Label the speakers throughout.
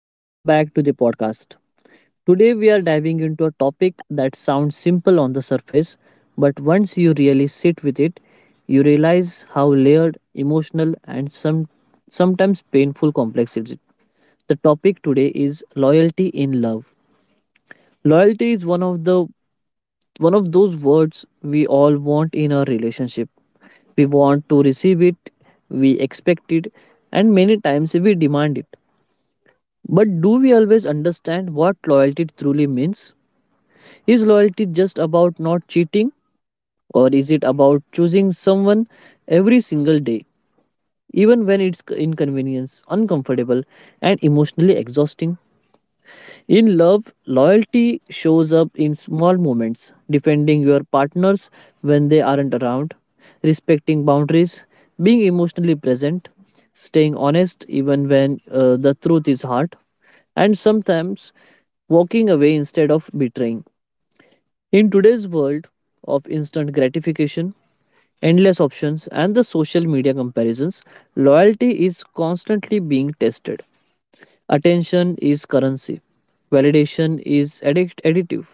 Speaker 1: and welcome back to the podcast. Today, we are diving into a topic that sounds simple on the surface, but once you really sit with it, you realize how layered, emotional, and sometimes painful complex it is. The topic today is loyalty in love. Loyalty is one of the one of those words we all want in our relationship. We want to receive it, we expect it, and many times we demand it, but do we always understand what loyalty truly means? Is loyalty just about not cheating, or is it about choosing someone every single day, even when it's inconvenience, uncomfortable, and emotionally exhausting? In love, loyalty shows up in small moments, defending your partners when they aren't around, respecting boundaries, being emotionally present, staying honest even when the truth is hard, and sometimes walking away instead of betraying. In today's world of instant gratification, endless options, and the social media comparisons, loyalty is constantly being tested. Attention is currency, validation is additive,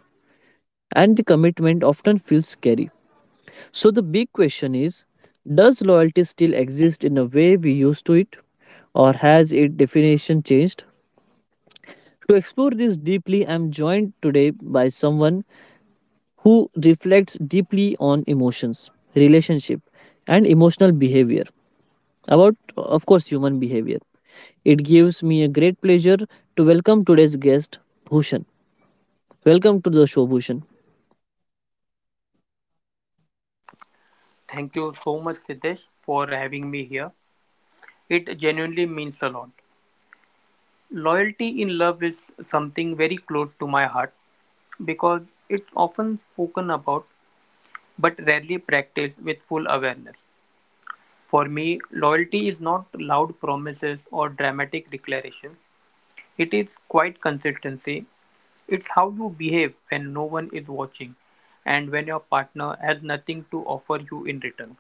Speaker 1: and the commitment often feels scary. So, the big question is, does loyalty still exist in a way we used to it, or has its definition changed? To explore this deeply, I'm joined today by someone who reflects deeply on emotions, relationship, and emotional behavior. About, of course, human behavior. It gives me a great pleasure to welcome today's guest, Bhushan. Welcome to the show, Bhushan.
Speaker 2: Thank you so much, Siddesh, for having me here. It genuinely means a lot. Loyalty in love is something very close to my heart because it's often spoken about but rarely practiced with full awareness. For me, loyalty is not loud promises or dramatic declarations, it is quiet consistency. It's how you behave when no one is watching and when your partner has nothing to offer you in return.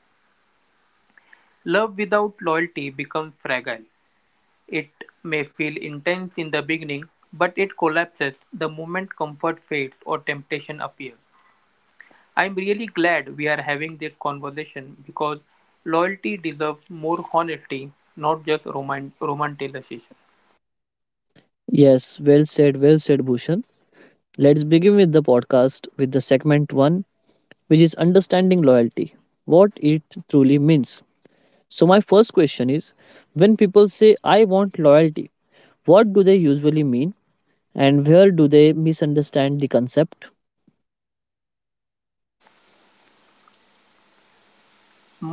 Speaker 2: Love without loyalty becomes fragile. It may feel intense in the beginning, but it collapses the moment comfort fades or temptation appears. I'm really glad we are having this conversation because loyalty deserves more honesty, not just romanticization.
Speaker 1: Yes, well said, Bhushan. Let's begin with the podcast with the segment one, which is understanding loyalty, what it truly means. So, my first question is, when people say, I want loyalty, what do they usually mean and where do they misunderstand the concept?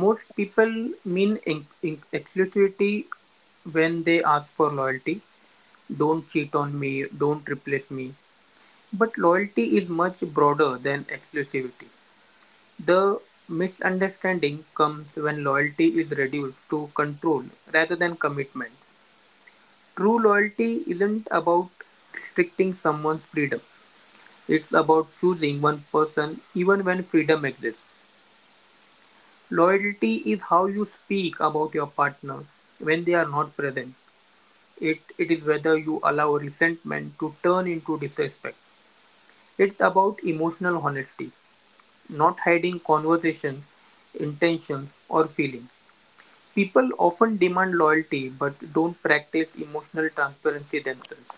Speaker 2: Most people mean exclusivity when they ask for loyalty. Don't cheat on me, don't replace me. But loyalty is much broader than exclusivity. The misunderstanding comes when loyalty is reduced to control rather than commitment. True loyalty isn't about restricting someone's freedom, it's about choosing one person even when freedom exists. Loyalty is how you speak about your partner when they are not present. It is whether you allow resentment to turn into disrespect. It's about emotional honesty, not hiding conversations, intentions, or feelings. People often demand loyalty but don't practice emotional transparency themselves.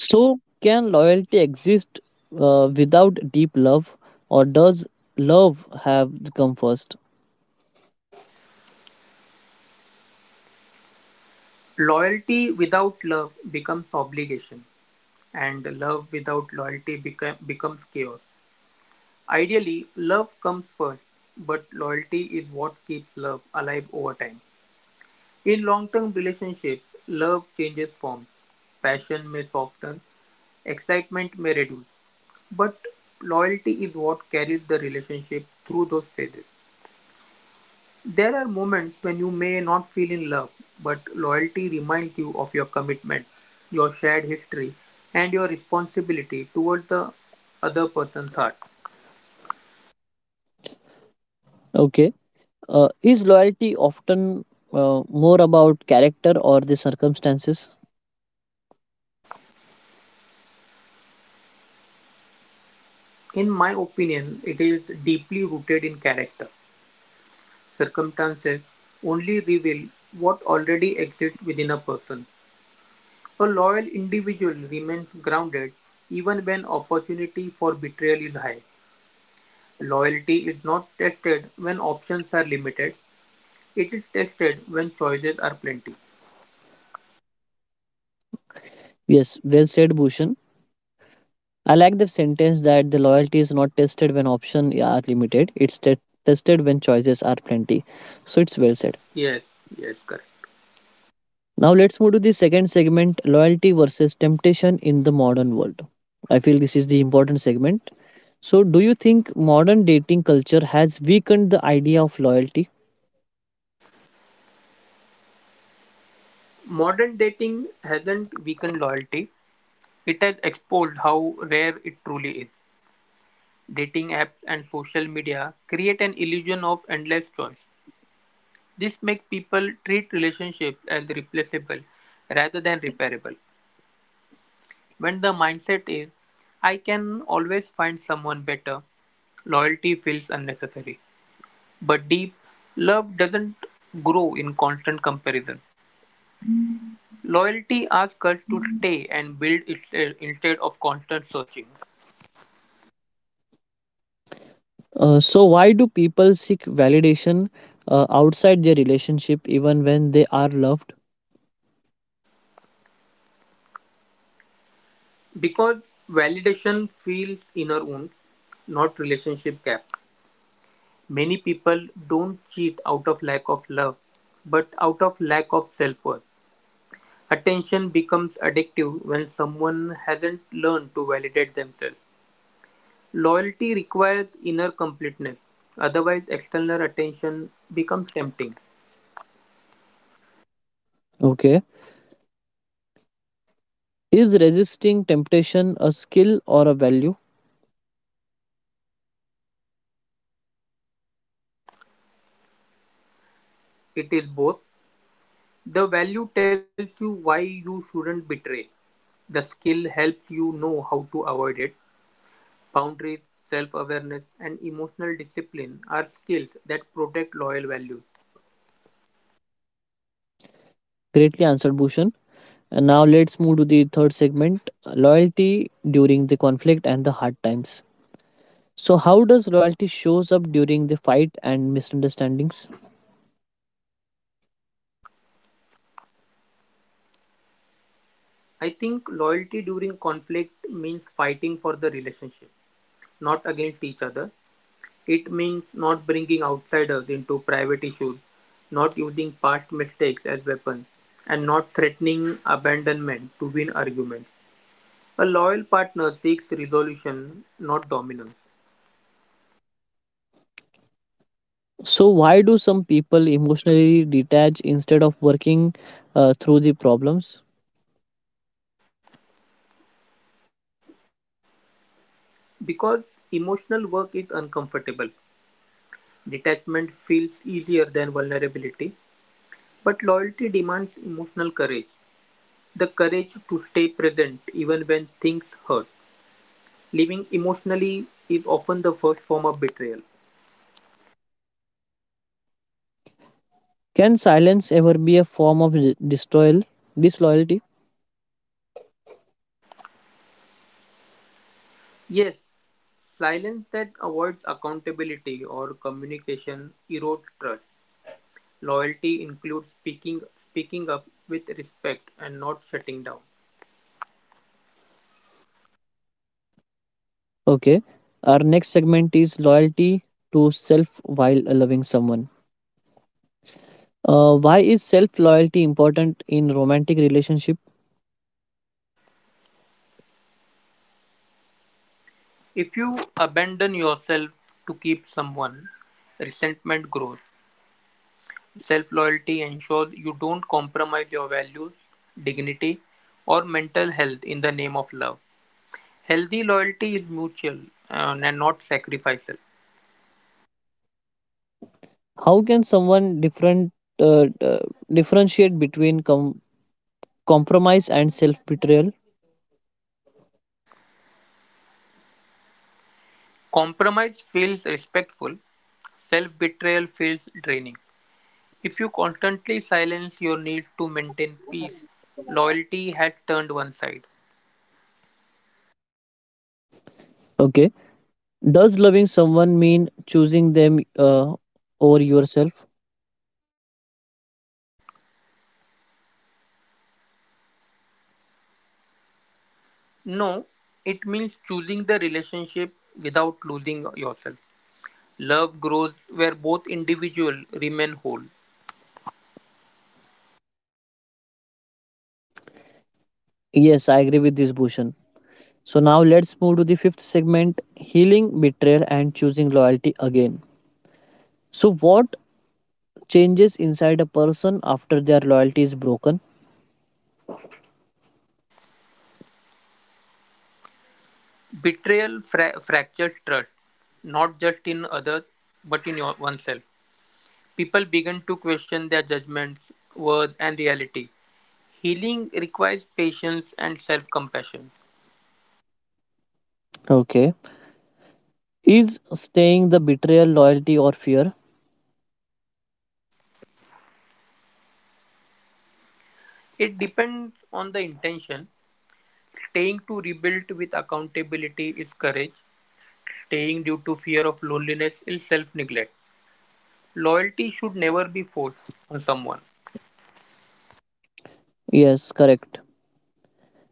Speaker 1: So, can loyalty exist without deep love, or does love have to come first?
Speaker 2: Loyalty without love becomes obligation, and love without loyalty becomes chaos. Ideally, love comes first, but loyalty is what keeps love alive over time. In long term relationships, love changes forms. Passion may soften, excitement may reduce, but loyalty is what carries the relationship through those phases. There are moments when you may not feel in love, but loyalty reminds you of your commitment, your shared history, and your responsibility toward the other person's heart.
Speaker 1: Okay. Is loyalty often more about character or the circumstances?
Speaker 2: In my opinion, it is deeply rooted in character. Circumstances only reveal what already exists within a person. A loyal individual remains grounded even when opportunity for betrayal is high. Loyalty is not tested when options are limited, it is tested when choices are plenty.
Speaker 1: Yes, well said, Bhushan. I like the sentence that the loyalty is not tested when options are limited, it's tested when choices are plenty. So, it's well said.
Speaker 2: Yes, yes, correct.
Speaker 1: Now let's move to the second segment, loyalty versus temptation in the modern world. I feel this is the important segment. So, do you think modern dating culture has weakened the idea of loyalty?
Speaker 2: Modern dating hasn't weakened loyalty, it has exposed how rare it truly is. Dating apps and social media create an illusion of endless choice. This makes people treat relationships as replaceable rather than repairable. When the mindset is, I can always find someone better, loyalty feels unnecessary. But deep love doesn't grow in constant comparison. Loyalty asks us to stay and build itself instead of constant searching.
Speaker 1: So, why do people seek validation outside their relationship even when they are loved?
Speaker 2: Because validation feels inner wounds, not relationship gaps. Many people don't cheat out of lack of love, but out of lack of self worth. Attention becomes addictive when someone hasn't learned to validate themselves. Loyalty requires inner completeness, otherwise, external attention becomes tempting.
Speaker 1: Okay. Is resisting temptation a skill or a value?
Speaker 2: It is both. The value tells you why you shouldn't betray. The skill helps you know how to avoid it. Boundaries, self awareness, and emotional discipline are skills that protect loyal values.
Speaker 1: Greatly answered, Bhushan. And now let's move to the third segment, loyalty during the conflict and the hard times. So how does loyalty shows up during the fight and misunderstandings?
Speaker 2: I think loyalty during conflict means fighting for the relationship, not against each other. It means not bringing outsiders into private issues, not using past mistakes as weapons, and not threatening abandonment to win arguments. A loyal partner seeks resolution, not dominance.
Speaker 1: So why do some people emotionally detach instead of working through the problems?
Speaker 2: Because emotional work is uncomfortable, detachment feels easier than vulnerability, but loyalty demands emotional courage. The courage to stay present even when things hurt. Living emotionally is often the first form of betrayal.
Speaker 1: Can silence ever be a form of disloyalty?
Speaker 2: Yes, silence that avoids accountability or communication erodes trust. Loyalty includes speaking up with respect and not shutting down.
Speaker 1: Okay. Our next segment is loyalty to self while loving someone. Why is self loyalty important in romantic relationship?
Speaker 2: If you abandon yourself to keep someone, resentment grows. Self loyalty ensures you don't compromise your values, dignity, or mental health in the name of love. Healthy loyalty is mutual, and not sacrificial.
Speaker 1: How can someone uh, uh, differentiate between compromise and self betrayal?
Speaker 2: Compromise feels respectful, self betrayal feels draining. If you constantly silence your need to maintain peace, loyalty has turned one side.
Speaker 1: Okay. Does loving someone mean choosing them over yourself?
Speaker 2: No, it means choosing the relationship without losing yourself. Love grows where both individuals remain whole.
Speaker 1: Yes, I agree with this, Bhushan. So now let's move to the fifth segment, healing, betrayal, and choosing loyalty again. So, what changes inside a person after their loyalty is broken?
Speaker 2: Betrayal fractures trust, not just in others, but in oneself. People begin to question their judgments, worth, and reality. Healing requires patience and self compassion.
Speaker 1: Okay. Is staying the betrayal, loyalty, or fear?
Speaker 2: It depends on the intention. Staying to rebuild with accountability is courage. Staying due to fear of loneliness is self neglect. Loyalty should never be forced on someone
Speaker 1: Yes, correct.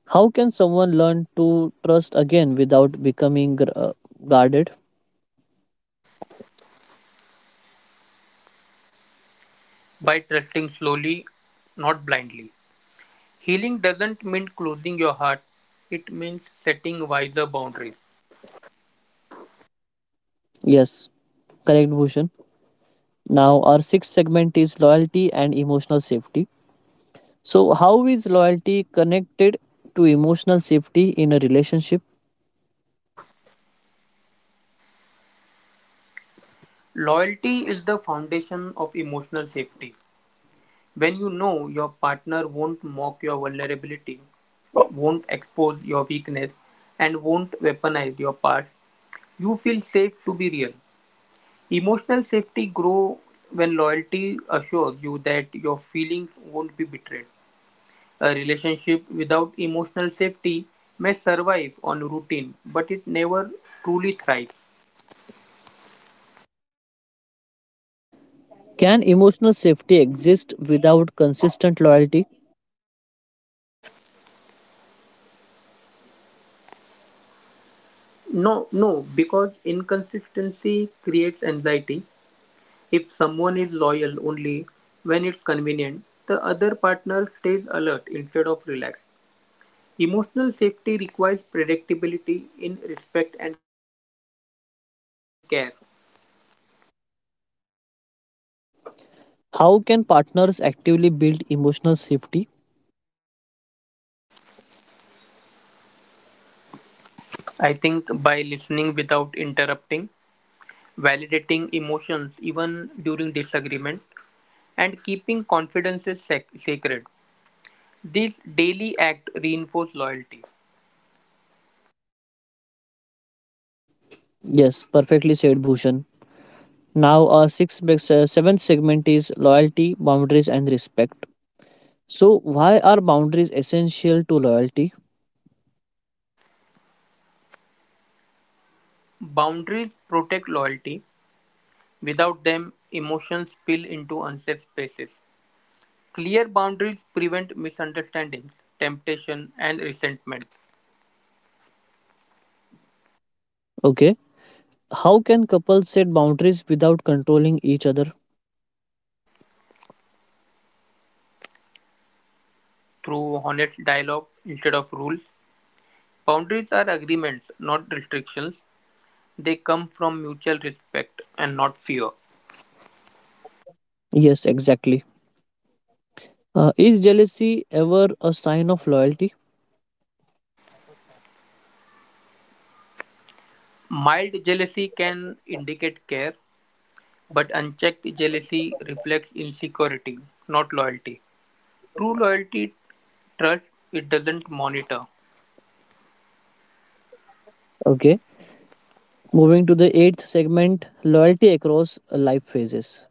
Speaker 1: How can someone learn to trust again without becoming guarded?
Speaker 2: by trusting slowly, not blindly. Healing doesn't mean closing your heart, it means setting wiser boundaries.
Speaker 1: Yes, correct, Bhushan. Now, our sixth segment is loyalty and emotional safety. So, how is loyalty connected to emotional safety in a relationship?
Speaker 2: Loyalty is the foundation of emotional safety. When you know your partner won't mock your vulnerability, won't expose your weakness, and won't weaponize your past, you feel safe to be real. Emotional safety grows when loyalty assures you that your feelings won't be betrayed. A relationship without emotional safety may survive on routine, but it never truly thrives.
Speaker 1: Can emotional safety exist without consistent loyalty?
Speaker 2: No, no, because inconsistency creates anxiety. If someone is loyal only when it's convenient, the other partner stays alert instead of relaxed. Emotional safety requires predictability in respect and care.
Speaker 1: How can partners actively build emotional safety?
Speaker 2: I think by listening without interrupting, validating emotions even during disagreement, and keeping confidences sacred, these daily acts reinforce loyalty.
Speaker 1: Yes, perfectly said, Bhushan. Now, our seventh segment is loyalty, boundaries, and respect. So, why are boundaries essential to loyalty?
Speaker 2: Boundaries protect loyalty, without them, emotions spill into unsafe spaces. Clear boundaries prevent misunderstandings, temptation, and resentment.
Speaker 1: Okay. How can couples set boundaries without controlling each other?
Speaker 2: Through honest dialogue instead of rules, boundaries are agreements, not restrictions, they come from mutual respect and not fear.
Speaker 1: Yes, exactly. Is jealousy ever a sign of loyalty?
Speaker 2: Mild jealousy can indicate care, but unchecked jealousy reflects insecurity, not loyalty. True loyalty trusts, it doesn't monitor.
Speaker 1: Okay. Moving to the eighth segment, loyalty across life phases.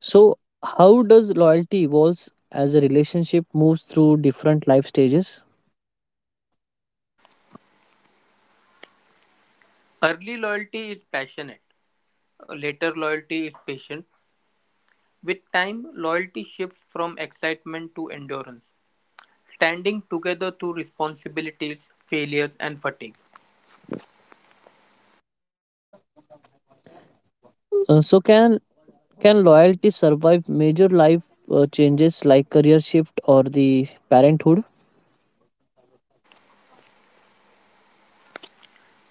Speaker 1: So, how does loyalty evolves as a relationship moves through different life stages?
Speaker 2: Early loyalty is passionate, later loyalty is patient. With time, loyalty shifts from excitement to endurance, standing together through responsibilities, failures, and fatigue.
Speaker 1: So, can loyalty survive major life changes like career shift or the parenthood?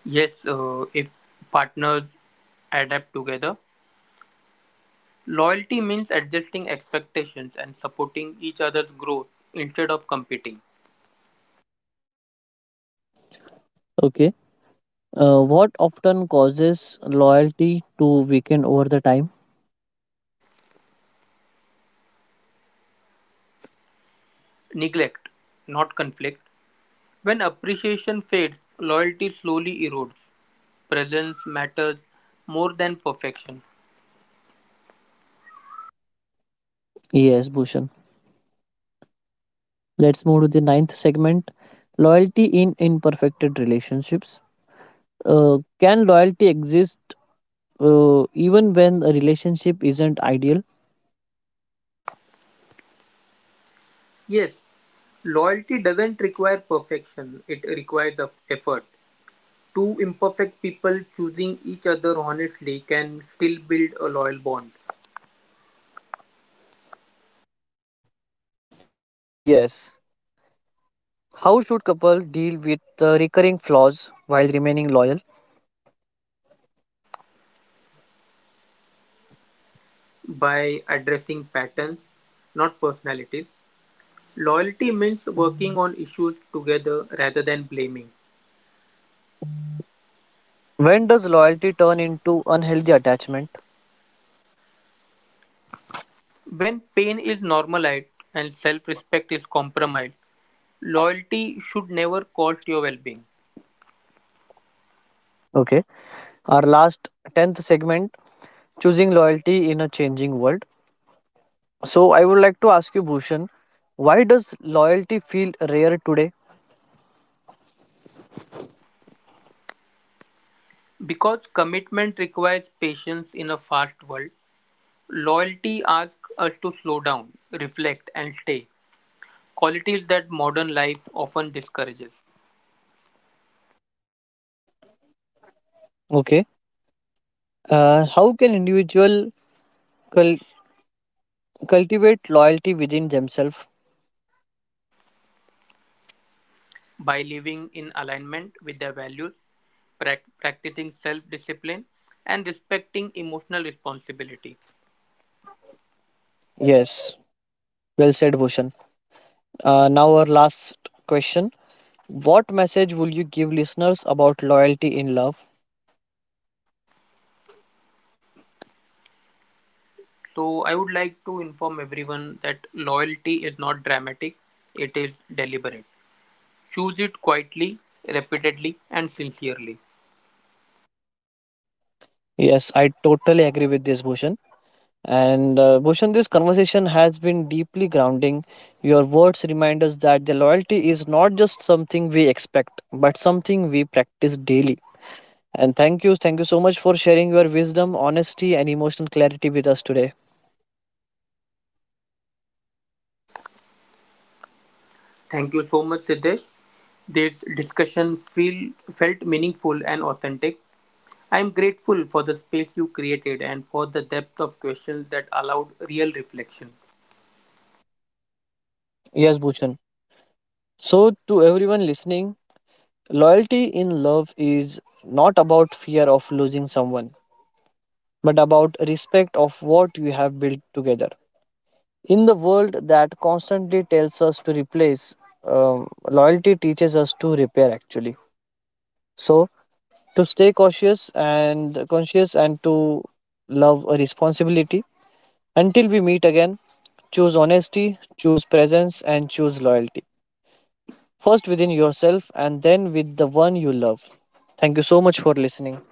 Speaker 2: Yes, if partners adapt together. Loyalty means adjusting expectations and supporting each other's growth instead of competing.
Speaker 1: Okay. What often causes loyalty to weaken over the time?
Speaker 2: Neglect, not conflict. When appreciation fades, loyalty slowly erodes. Presence matters more than perfection.
Speaker 1: Yes, Bhushan. Let's move to the ninth segment, loyalty in imperfected relationships. Can loyalty exist even when a relationship isn't ideal?
Speaker 2: Yes, loyalty doesn't require perfection, it requires of effort. Two imperfect people choosing each other honestly can still build a loyal bond
Speaker 1: Yes. How should couple deal with recurring flaws while remaining loyal?
Speaker 2: by addressing patterns, not personalities. Loyalty means working on issues together rather than blaming.
Speaker 1: When does loyalty turn into unhealthy attachment?
Speaker 2: When pain is normalized and self respect is compromised, loyalty should never cost your well being.
Speaker 1: Okay. Our last 10th segment, choosing loyalty in a changing world. So, I would like to ask you, Bhushan, why does loyalty feel rare today?
Speaker 2: Because commitment requires patience in a fast world, loyalty asks us to slow down, reflect, and stay. Qualities that modern life often discourages.
Speaker 1: Okay. How can individual Cul- cultivate loyalty within themselves?
Speaker 2: By living in alignment with their values, practicing self discipline, and respecting emotional responsibility.
Speaker 1: Yes, well said, Bhushan. Now, our last question, what message will you give listeners about loyalty in love?
Speaker 2: So, I would like to inform everyone that loyalty is not dramatic, it is deliberate. Choose it quietly, repeatedly, and sincerely.
Speaker 1: Yes, I totally agree with this, Bhushan. And Bhushan, this conversation has been deeply grounding. Your words remind us that the loyalty is not just something we expect, but something we practice daily. And thank you so much for sharing your wisdom, honesty, and emotional clarity with us today.
Speaker 2: Thank you so much, Siddesh. This discussion felt meaningful and authentic. I am grateful for the space you created and for the depth of questions that allowed real reflection.
Speaker 1: Yes, Bhushan. So, to everyone listening, loyalty in love is not about fear of losing someone, but about respect of what you have built together. In the world that constantly tells us to replace, loyalty teaches us to repair actually. So, to stay cautious and conscious, and to love a responsibility. Until we meet again, choose honesty, choose presence, and choose loyalty. First within yourself and then with the one you love. Thank you so much for listening.